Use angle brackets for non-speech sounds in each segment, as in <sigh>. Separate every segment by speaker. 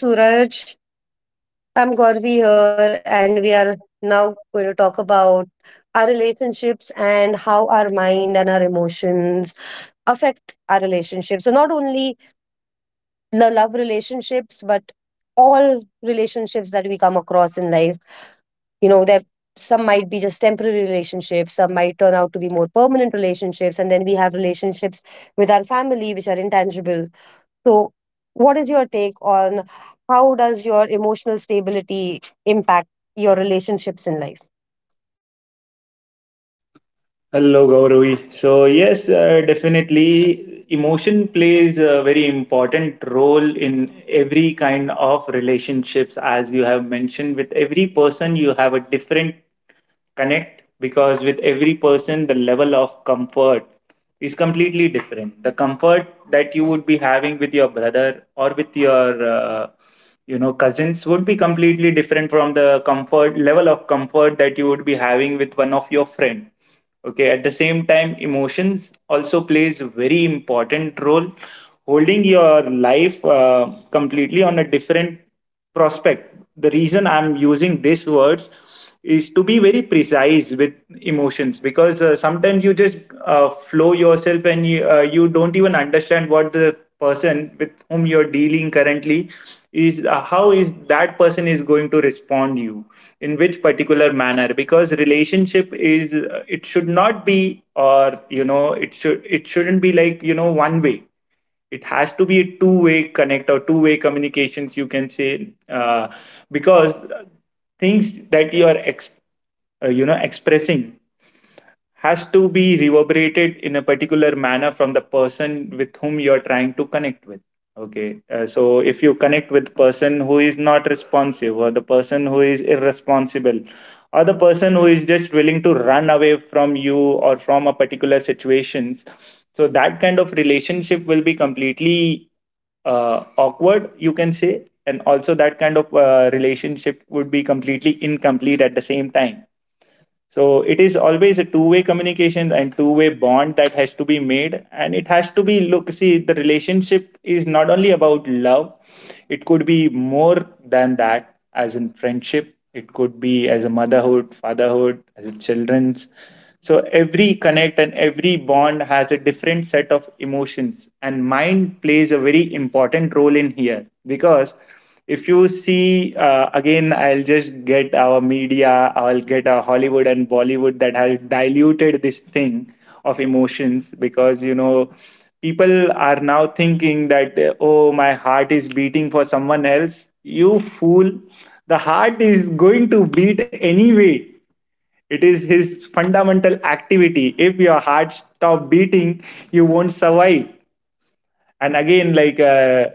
Speaker 1: Hello, Suraj. I'm Gauri here, and we are now going to talk about our relationships and how our mind and our emotions affect our relationships. So, not only the love relationships, but all relationships that we come across in life. You know, there some might be just temporary relationships, some might turn out to be more permanent relationships, and then we have relationships with our family, which are intangible. So, what is your take on how does your emotional stability impact your relationships in life?
Speaker 2: Hello, Gauravi. Definitely, emotion plays a very important role in every kind of relationships. As you have mentioned, with every person, you have a different connect, because with every person the level of comfort is completely different. The comfort that you would be having with your brother or with your cousins would be completely different from the comfort level of comfort that you would be having with one of your friend, okay. At the same time, emotions also plays a very important role, holding your life completely on a different prospect. The reason I'm using these words is to be very precise with emotions, because sometimes you just flow yourself and you don't even understand what the person with whom you're dealing currently is, how is that person is going to respond you, in which particular manner. Because relationship is, it should not be, or you know, it shouldn't be like, you know, one way. It has to be a two-way connect or two-way communications, you can say, because things that you are expressing has to be reverberated in a particular manner from the person with whom you're trying to connect with, okay. So if you connect with person who is not responsive, or the person who is irresponsible, or the person who is just willing to run away from you or from a particular situations, so that kind of relationship will be completely awkward, you can say. And also that kind of relationship would be completely incomplete at the same time. So it is always a two-way communication and two-way bond that has to be made, and it has to be, look, see, the relationship is not only about love, it could be more than that, as in friendship, it could be as a motherhood, fatherhood, as a children's. So every connect and every bond has a different set of emotions, and mind plays a very important role in here. Because if you see, again, I'll just get our media, I'll get our Hollywood and Bollywood, that has diluted this thing of emotions. Because, you know, people are now thinking that, oh, my heart is beating for someone else. You fool, the heart is going to beat anyway. It is his fundamental activity. If your heart stop beating, you won't survive. And again, like,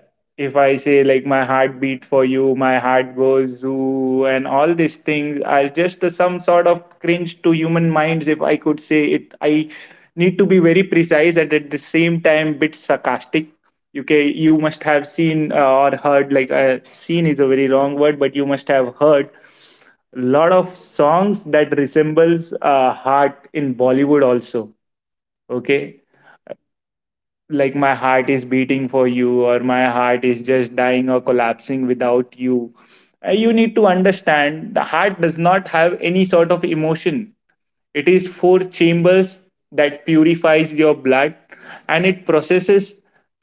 Speaker 2: if I say, like, my heart beat for you, my heart goes zoo, and all these things are just some sort of cringe to human minds, if I could say it. I need to be very precise, and at the same time bit sarcastic, okay. You must have seen, or heard, like, seen is a very wrong word, but you must have heard a lot of songs that resembles heart in Bollywood also, okay. Like, my heart is beating for you, or my heart is just dying or collapsing without you. You need to understand, the heart does not have any sort of emotion. It is four chambers that purifies your blood, and it processes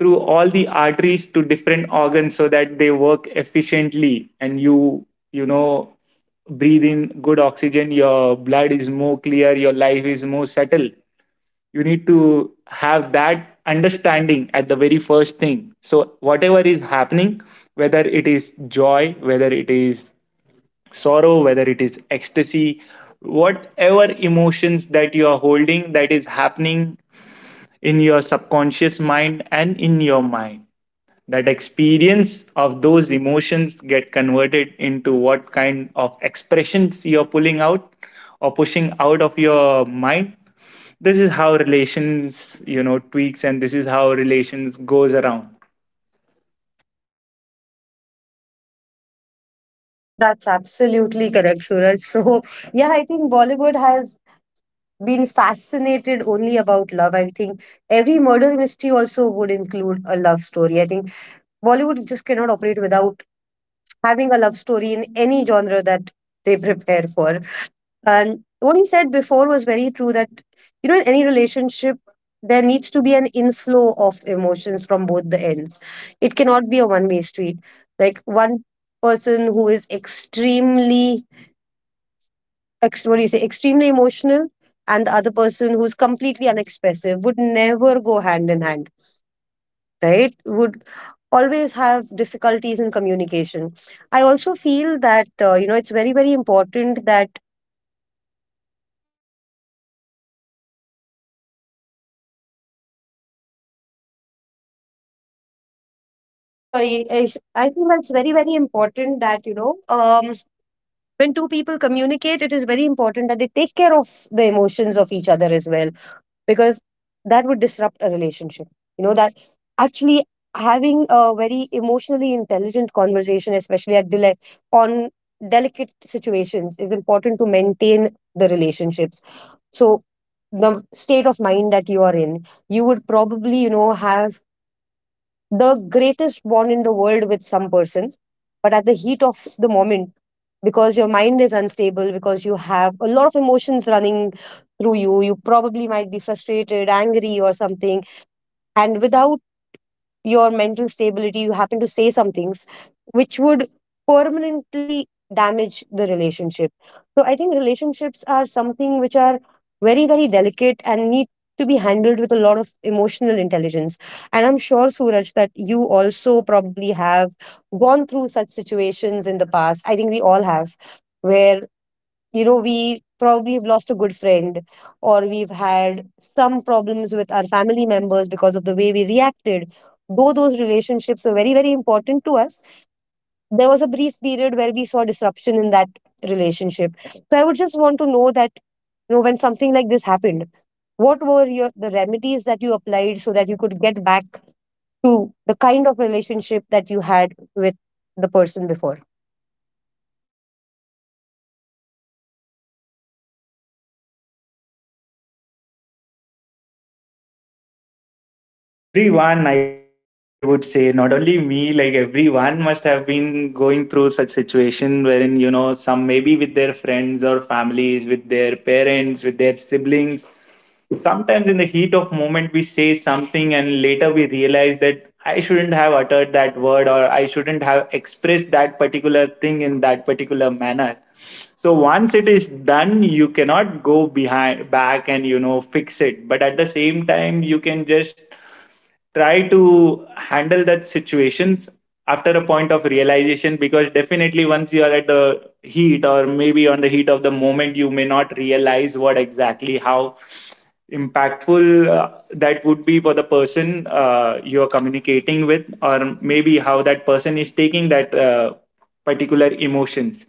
Speaker 2: through all the arteries to different organs, so that they work efficiently, and you know breathe in good oxygen, your blood is more clear, your life is more settled. You need to have that understanding at the very first thing. So whatever is happening, whether it is joy, whether it is sorrow, whether it is ecstasy, whatever emotions that you are holding, that is happening in your subconscious mind and in your mind. That experience of those emotions get converted into what kind of expressions you're pulling out or pushing out of your mind. This is how relations, you know, tweaks, and this is how relations goes around.
Speaker 1: That's absolutely correct, Suraj. So, yeah, I think Bollywood has been fascinated only about love. I think every murder mystery also would include a love story. I think Bollywood just cannot operate without having a love story in any genre that they prepare for. And what he said before was very true that, you know, in any relationship, there needs to be an inflow of emotions from both the ends. It cannot be a one way street. Like one person who is extremely, what do you say, extremely emotional, and the other person who's completely unexpressive would never go hand in hand, right? Would always have difficulties in communication. I also feel that, you know, it's very, very important that, sorry, is- I feel it's very, very important that, when two people communicate, it is very important that they take care of the emotions of each other as well, because that would disrupt a relationship. You know, that actually having a very emotionally intelligent conversation, especially at dele- on delicate situations, is important to maintain the relationships. So the state of mind that you are in, you would probably, you know, have the greatest bond in the world with some person, but at the heat of the moment, because your mind is unstable, because you have a lot of emotions running through you, you probably might be frustrated, angry, or something. And without your mental stability, you happen to say some things which would permanently damage the relationship. So I think relationships are something which are very, very delicate and need to be handled with a lot of emotional intelligence. And I'm sure, Suraj, that you also probably have gone through such situations in the past. I think we all have, where, you know, we probably have lost a good friend, or we've had some problems with our family members because of the way we reacted, though those relationships were very, very important to us. There was a brief period where we saw disruption in that relationship. So I would just want to know that, you know, when something like this happened, what were your the remedies that you applied so that you could get back to the kind of relationship that you had with the person before.
Speaker 2: Yeah, everyone, I would say, not only me, like everyone must have been going through such situation, wherein, you know, some maybe with their friends or families, with their parents, with their siblings, sometimes in the heat of moment we say something, and later we realize that I shouldn't have uttered that word, or I shouldn't have expressed that particular thing in that particular manner. So once it is done, you cannot go behind back and, you know, fix it. But at the same time, you can just try to handle that situations after a point of realization. Because definitely, once you are at the heat, or maybe on the heat of the moment, you may not realize what exactly, how impactful that would be for the person you are communicating with, or maybe how that person is taking that particular emotions.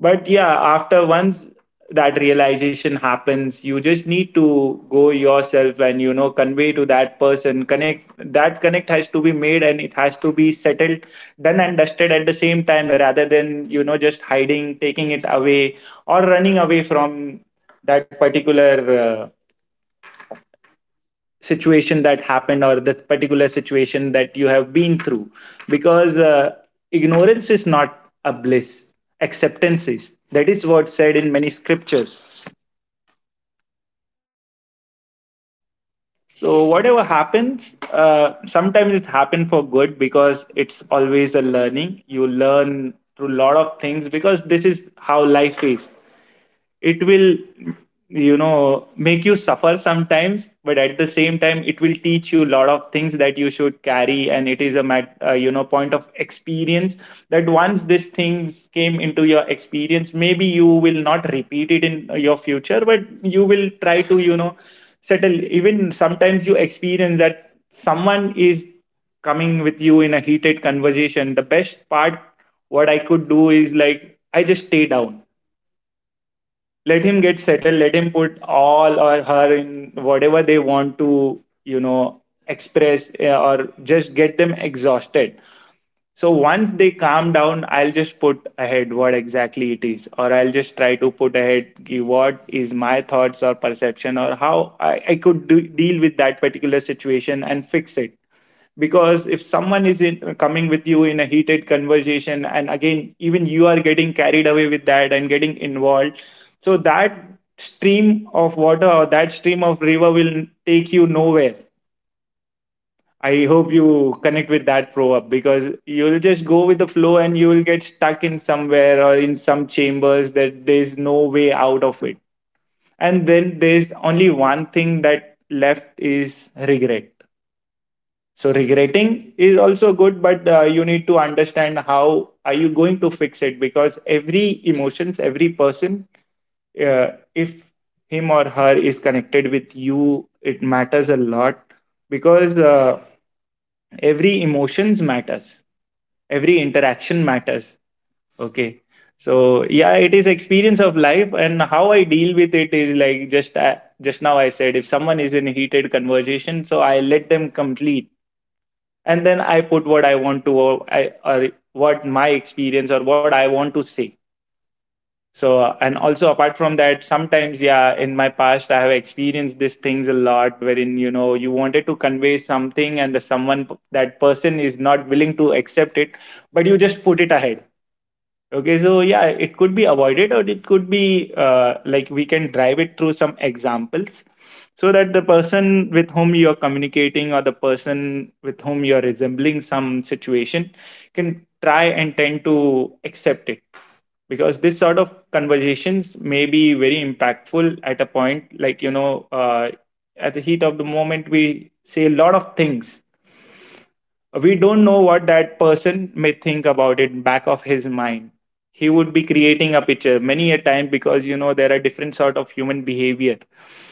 Speaker 2: But yeah, after once that realization happens, you just need to go yourself and, you know, convey to that person. Connect that connect has to be made, and it has to be settled, done and dusted at the same time, rather than, you know, just hiding, taking it away, or running away from that particular situation that happened, or the particular situation that you have been through. Because ignorance is not a bliss, acceptance is, that is what's said in many scriptures. So whatever happens, sometimes it happens for good, because it's always a learning. You learn through a lot of things, because this is how life is. It will, you know, make you suffer sometimes, but at the same time, it will teach you a lot of things that you should carry. And it is a point of experience, that once these things came into your experience, maybe you will not repeat it in your future, but you will try to, you know, settle. Even sometimes you experience that someone is coming with you in a heated conversation. The best part what I could do is, like, I just stay down, let him get settled, let him put all, or her, in whatever they want to, you know, express, or just get them exhausted. So once they calm down, I'll just put ahead what exactly it is, or I'll just try to put ahead ki what is my thoughts or perception, or how I could do, deal with that particular situation and fix it. Because if someone is in, coming with you in a heated conversation, and again even you are getting carried away with that and getting involved, so that stream of water or that stream of river will take you nowhere. I hope you connect with that proverb, because you'll just go with the flow and you will get stuck in somewhere, or in some chambers that there's no way out of it. And then there's only one thing that left is regret. So regretting is also good, but you need to understand how are you going to fix it. Because every emotions, every person, uh, if him or her is connected with you, it matters a lot. Because every emotions matters, every interaction matters, okay. So yeah, it is experience of life, and how I deal with it is, like, just just now I said, if someone is in heated conversation, so I let them complete, and then I put what I want to, or what my experience, or what I want to say. So and also apart from that, sometimes, yeah, in my past I have experienced these things a lot, wherein, you know, you wanted to convey something, and the someone, that person is not willing to accept it, but you just put it ahead, okay. So yeah, it could be avoided, or it could be, like, we can drive it through some examples, so that the person with whom you're communicating, or the person with whom you're resembling some situation, can try and tend to accept it. Because this sort of conversations may be very impactful at a point, like, you know, at the heat of the moment we say a lot of things, we don't know what that person may think about it. Back of his mind, he would be creating a picture many a time, because, you know, there are different sort of human behavior.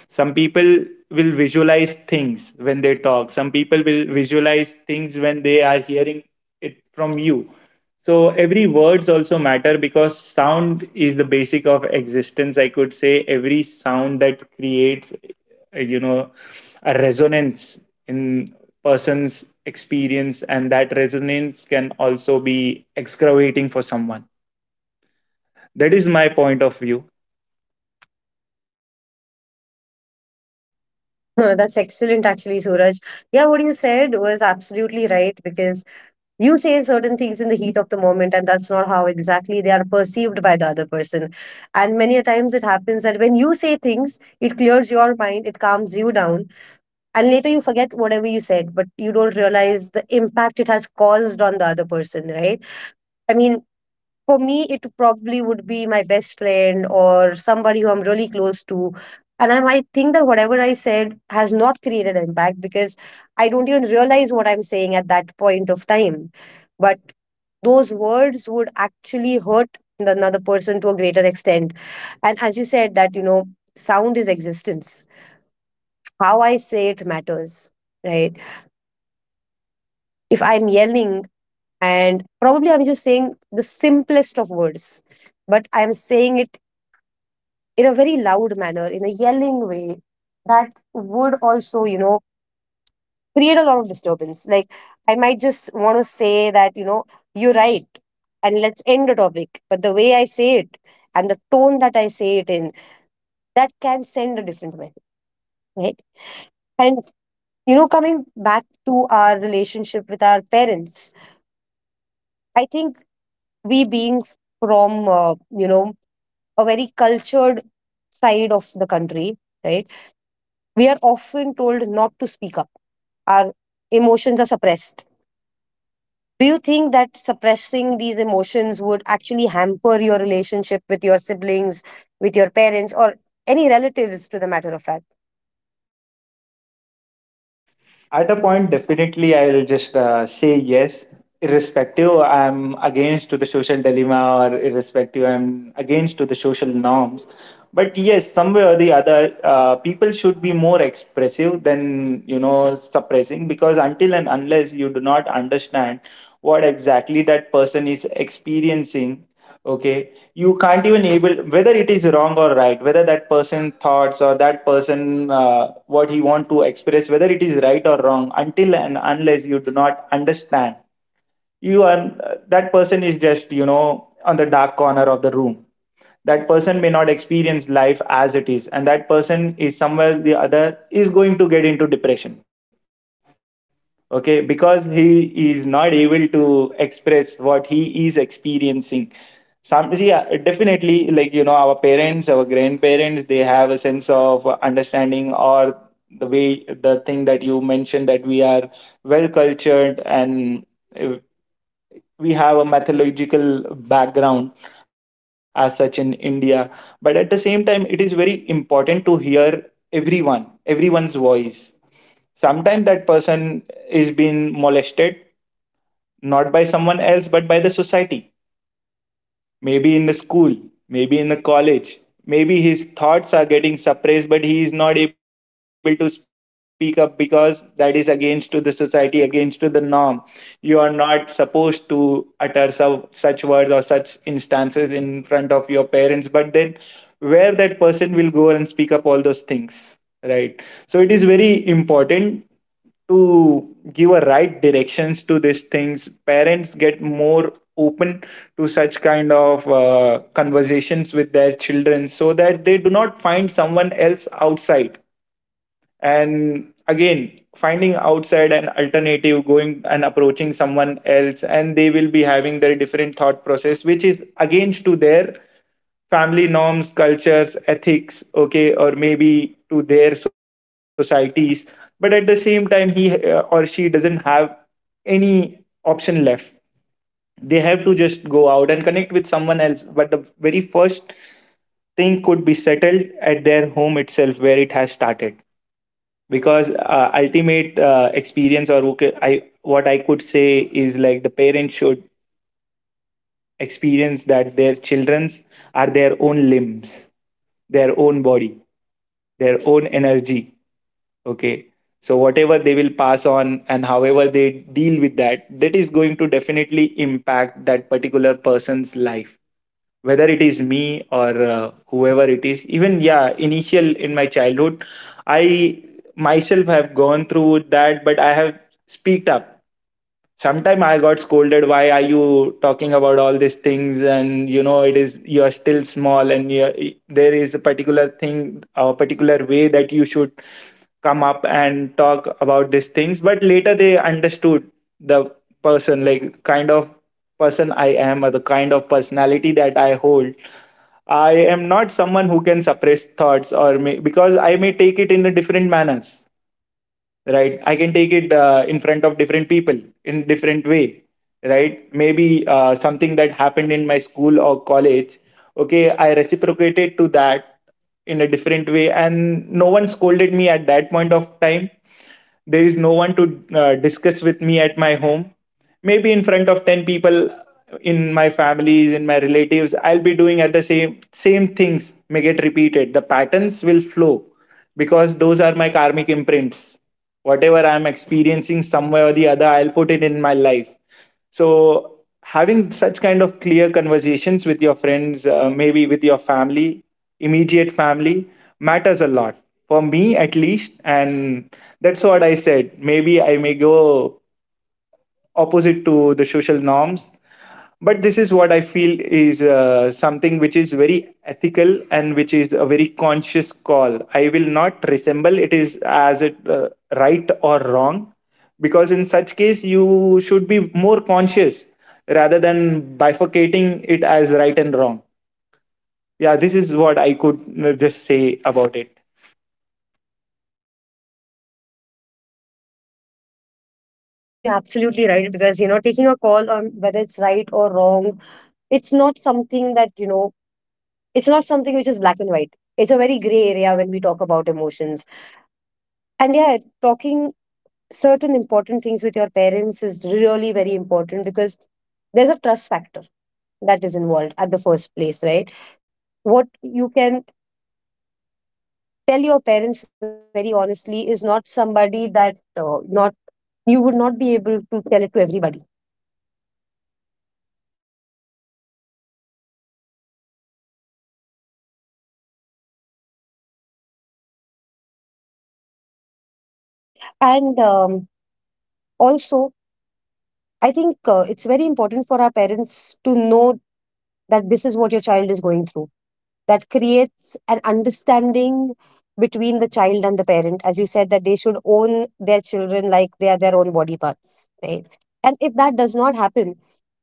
Speaker 2: Some people will visualize things when they talk, some people will visualize things when they are hearing it from you. So every words also matter, because sound is the basic of existence, I could say. Every sound that creates uh, you know a resonance in person's experience, and that resonance can also be excavating for someone. That is my point of view.
Speaker 1: <laughs> Huh, that's excellent, actually, Suraj. Yeah, what you said was absolutely right, because you say certain things in the heat of the moment, and that's not how exactly they are perceived by the other person. And many a times it happens that when you say things, it clears your mind, it calms you down, and later you forget whatever you said, but you don't realize the impact it has caused on the other person, right? I mean, for me, it probably would be my best friend or somebody who I'm really close to. And I might think that whatever I said has not created impact, because I don't even realize what I'm saying at that point of time. But those words would actually hurt another person to a greater extent. And as you said, that, you know, sound is existence. How I say it matters, right? If I'm yelling and probably I'm just saying the simplest of words, but I'm saying it in a very loud manner, in a yelling way, that would also, you know, create a lot of disturbance. Like, I might just want to say that, you know, you're right, and let's end the topic. But the way I say it and the tone that I say it in, that can send a different message, right? And, you know, coming back to our relationship with our parents, I think we being from, you know, a very cultured side of the country, right? We are often told not to speak up. Our emotions are suppressed. Do you think that suppressing these emotions would actually hamper your relationship with your siblings, with your parents, or any relatives to the matter of fact?
Speaker 2: At a point, definitely, I'll just say yes, irrespective I'm against to the social dilemma, or irrespective I'm against to the social norms. But yes, somewhere or the other, people should be more expressive than suppressing, because until and unless you do not understand what exactly that person is experiencing, okay, you can't even able whether it is wrong or right, whether that person thoughts or that person what he want to express, whether it is right or wrong. Until and unless you do not understand, you are, that person is just on the dark corner of the room, that person may not experience life as it is, and that person is somewhere the other is going to get into depression. Okay, because he is not able to express what he is experiencing. Some, yeah, definitely, like our parents, our grandparents, they have a sense of understanding, or the way, the thing that you mentioned, that we are well cultured and uh, we have a mythological background as such in India. But at the same time, it is very important to hear everyone's voice. Sometimes that person is being molested, not by someone else but by the society. Maybe in the school, maybe in the college, maybe his thoughts are getting suppressed, but he is not able to speak up because that is against to the society, against to the norm. You are not supposed to utter so, such words or such instances in front of your parents, but then where that person will go and speak up all those things, right? So it is very important to give a right directions to these things. Parents get more open to such kind of conversations with their children, so that they do not find someone else outside, and again finding outside an alternative, going and approaching someone else, and they will be having their different thought process which is against to their family norms, cultures, ethics, okay, or maybe to their societies. But at the same time, he or she doesn't have any option left, they have to just go out and connect with someone else. But the very first thing could be settled at their home itself where it has started. Because ultimate experience, or okay, I what I could say is, like, the parents should experience that their children's are their own limbs, their own body, their own energy, okay. So whatever they will pass on and however they deal with that, that is going to definitely impact that particular person's life, whether it is me or whoever it is. Even, yeah, initial in my childhood, I myself have gone through that, but I have speaked up. Sometime I got scolded, why are you talking about all these things, and it is, you are still small and there is a particular thing, a particular way that you should come up and talk about these things. But later they understood the person, like, kind of person I am, or the kind of personality that I hold. I am not someone who can suppress thoughts, or may, because I may take it in a different manners, right? I can take it in front of different people in different way, right? Maybe something that happened in my school or college, okay, I reciprocated to that in a different way, and no one scolded me at that point of time. There is no one to discuss with me at my home. Maybe in front of 10 people in my families, in my relatives, I'll be doing at the same things may get repeated. The patterns will flow, because those are my karmic imprints. Whatever I'm experiencing somewhere or the other, I'll put it in my life. So having such kind of clear conversations with your friends, maybe with your family, immediate family, matters a lot for me at least. And that's what I said, maybe I may go opposite to the social norms, but this is what I feel is something which is very ethical and which is a very conscious call. I will not resemble it is as it right or wrong, because in such case you should be more conscious rather than bifurcating it as right and wrong. Yeah, this is what I could just say about it.
Speaker 1: No, you're absolutely right, because, you know, taking a call on whether it's right or wrong, it's not something that, you know, it's not something which is black and white. It's a very gray area when we talk about emotions. And yeah, talking certain important things with your parents is really very important, because there's a trust factor that is involved at the first place, right? What you can tell your parents very honestly is not somebody that, not you would not be able to tell it to everybody. Okay? And also, I think it's very important for our parents to know that this is what your child is going through. That creates an understanding between the child and the parent, as you said, that they should own their children like they are their own body parts, right? And if that does not happen,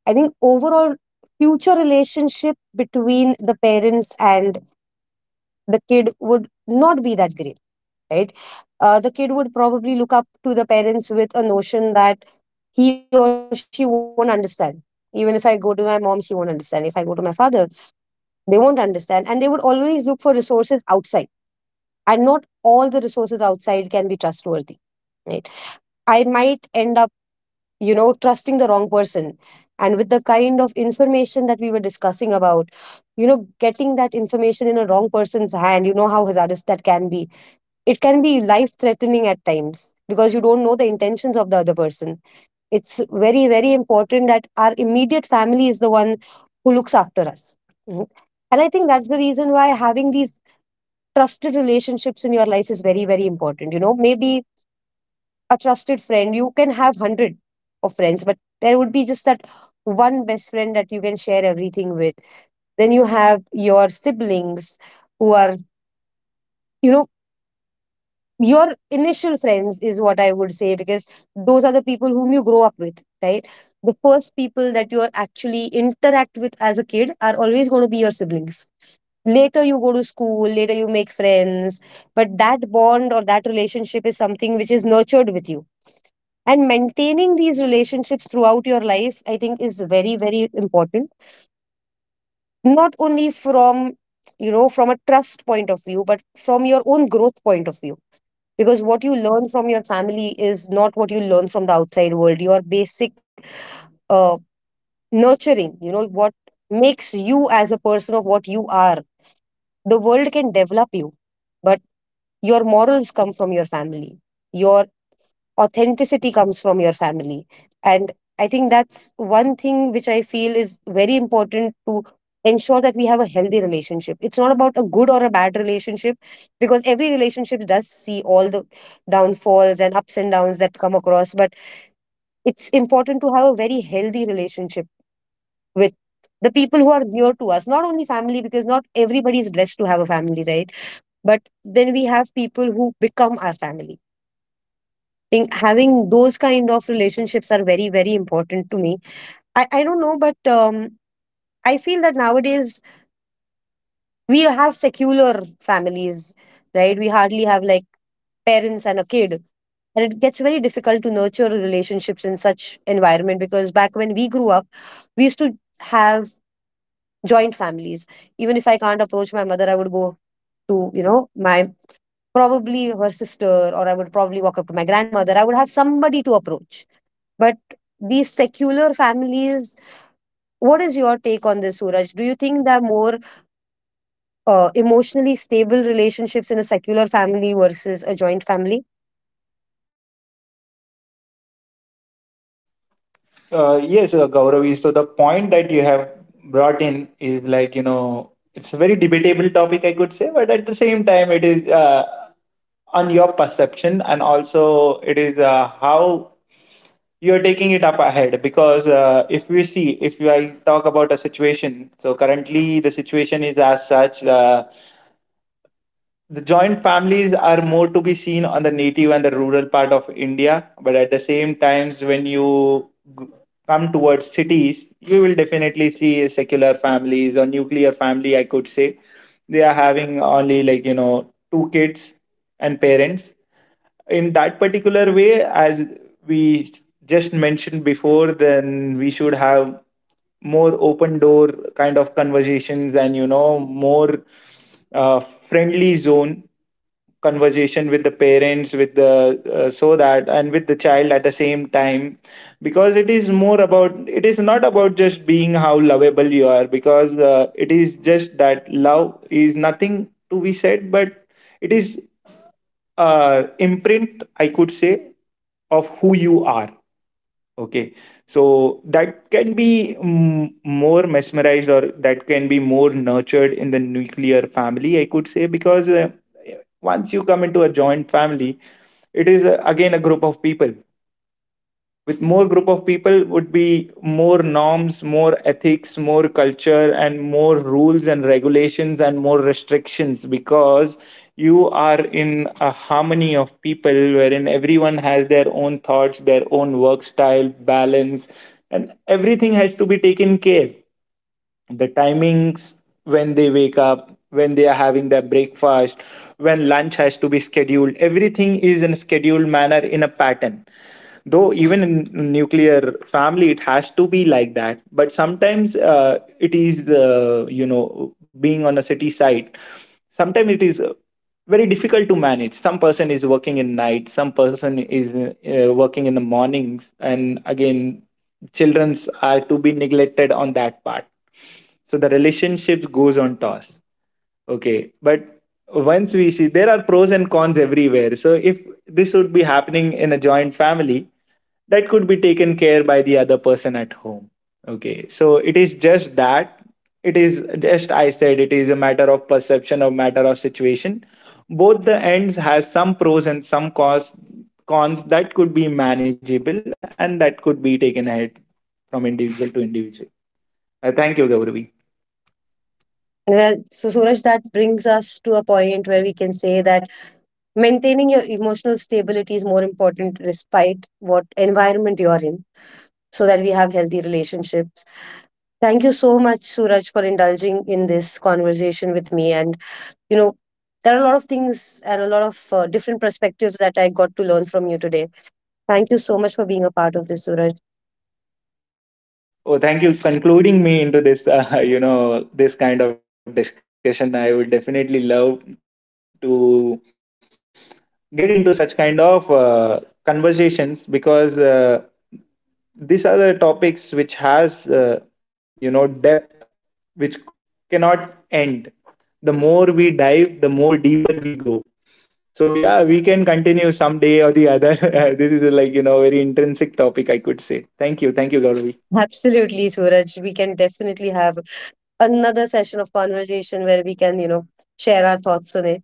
Speaker 1: I think overall future relationship between the parents and the kid would not be that great, right? The kid would probably look up to the parents with a notion that he or she won't understand. Even if I go to my mom, she won't understand. If I go to my father, they won't understand. And they would always look for resources outside. And not all the resources outside can be trustworthy. Right. I might end up, you know, trusting the wrong person. And with the kind of information that we were discussing about, you know, getting that information in a wrong person's hand, you know how hazardous that can be. It can be life threatening at times because you don't know the intentions of the other person. It's very, very important that our immediate family is the one who looks after us. Mhm. And I think that's the reason why having these trusted relationships in your life is very, very important. You know, maybe a trusted friend, you can have 100 of friends, but there would be just that one best friend that you can share everything with. Then you have your siblings who are, you know, your initial friends is what I would say, because those are the people whom you grow up with, right? The first people that you are actually interact with as a kid are always going to be your siblings. Later you go to school, later you make friends, but that bond or that relationship is something which is nurtured with you. And maintaining these relationships throughout your life, I think, is very, very important, not only from, you know, from a trust point of view, but from your own growth point of view. Because what you learn from your family is not what you learn from the outside world. Your basic uh, nurturing, you know, what makes you as a person of what you are. The world can develop you, but your morals come from your family, your authenticity comes from your family. And I think that's one thing which I feel is very important to ensure that we have a healthy relationship. It's not about a good or a bad relationship, because every relationship does see all the downfalls and ups and downs that come across, but it's important to have a very healthy relationship with the people who are near to us, not only family, because not everybody is blessed to have a family, right? But then we have people who become our family. Think having those kind of relationships are very, very important to me. I don't know, but I feel that nowadays we have secular families, right? We hardly have like parents and a kid, and it gets very difficult to nurture relationships in such environment, because back when we grew up we used to have joint families. Even if I can't approach my mother, I would go to, you know, my probably her sister, or I would probably walk up to my grandmother. I would have somebody to approach. But these secular families, what is your take on this, Suraj? Do you think there are more emotionally stable relationships in a secular family versus a joint family?
Speaker 2: Yes, Gauravi. So the point that you have brought in is, like, it's a very debatable topic, I could say, but at the same time, it is on your perception, and also it is how you are taking it up ahead. Because if we see, if I talk about a situation, so currently the situation is as such. The joint families are more to be seen on the native and the rural part of India, but at the same times, when you g- come towards cities, you will definitely see secular families or nuclear family. I could say they are having only, like, two kids and parents. In that particular way, as we just mentioned before, then we should have more open door kind of conversations, and more uh, friendly zone conversation with the parents, with the so that, and with the child at the same time. Because it is more about, it is not about just being how lovable you are, because it is just that love is nothing to be said, but it is imprint, I could say, of who you are, okay. So that can be more mesmerized, or that can be more nurtured in the nuclear family, I could say, because once you come into a joint family, it is again a group of people. With more group of people would be more norms, more ethics, more culture, and more rules and regulations and more restrictions, because you are in a harmony of people wherein everyone has their own thoughts, their own work style, balance, and everything has to be taken care: the timings, when they wake up, when they are having their breakfast, when lunch has to be scheduled. Everything is in a scheduled manner, in a pattern. Though even in nuclear family it has to be like that, but sometimes it is, being on a city side, sometimes it is very difficult to manage. Some person is working in night, some person is working in the mornings, and again children's are to be neglected on that part. So the relationships goes on toss, okay. But once we see, there are pros and cons everywhere. So if this would be happening in a joint family, that could be taken care by the other person at home, okay. So it is just that, it is just, I said, it is a matter of perception, a matter of situation. Both the ends has some pros and some cons. Cons that could be manageable and that could be taken ahead from individual to individual. Thank you, Gauravi.
Speaker 1: Well, so Suraj, that brings us to a point where we can say that maintaining your emotional stability is more important despite what environment you're in, so that we have healthy relationships. Thank you so much, Suraj, for indulging in this conversation with me, and, you know, there are a lot of things and a lot of different perspectives that I got to learn from you today. Thank you so much for being a part of this, Suraj.
Speaker 2: Oh, thank you concluding me into this, <laughs> this kind of discussion. I would definitely love to get into such kind of conversations, because these are the topics which has, depth which cannot end. The more we dive, the more deeper we go. So yeah, we can continue someday or the other. <laughs> This is a, like, very intrinsic topic, I could say. Thank you. Thank you, Gauravi.
Speaker 1: <laughs> Absolutely, Suraj, we can definitely have another session of conversation where we can, you know, share our thoughts on it.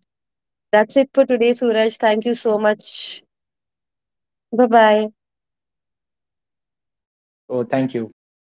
Speaker 1: That's it for today, Suraj. Thank you so much. Bye bye.
Speaker 2: Oh,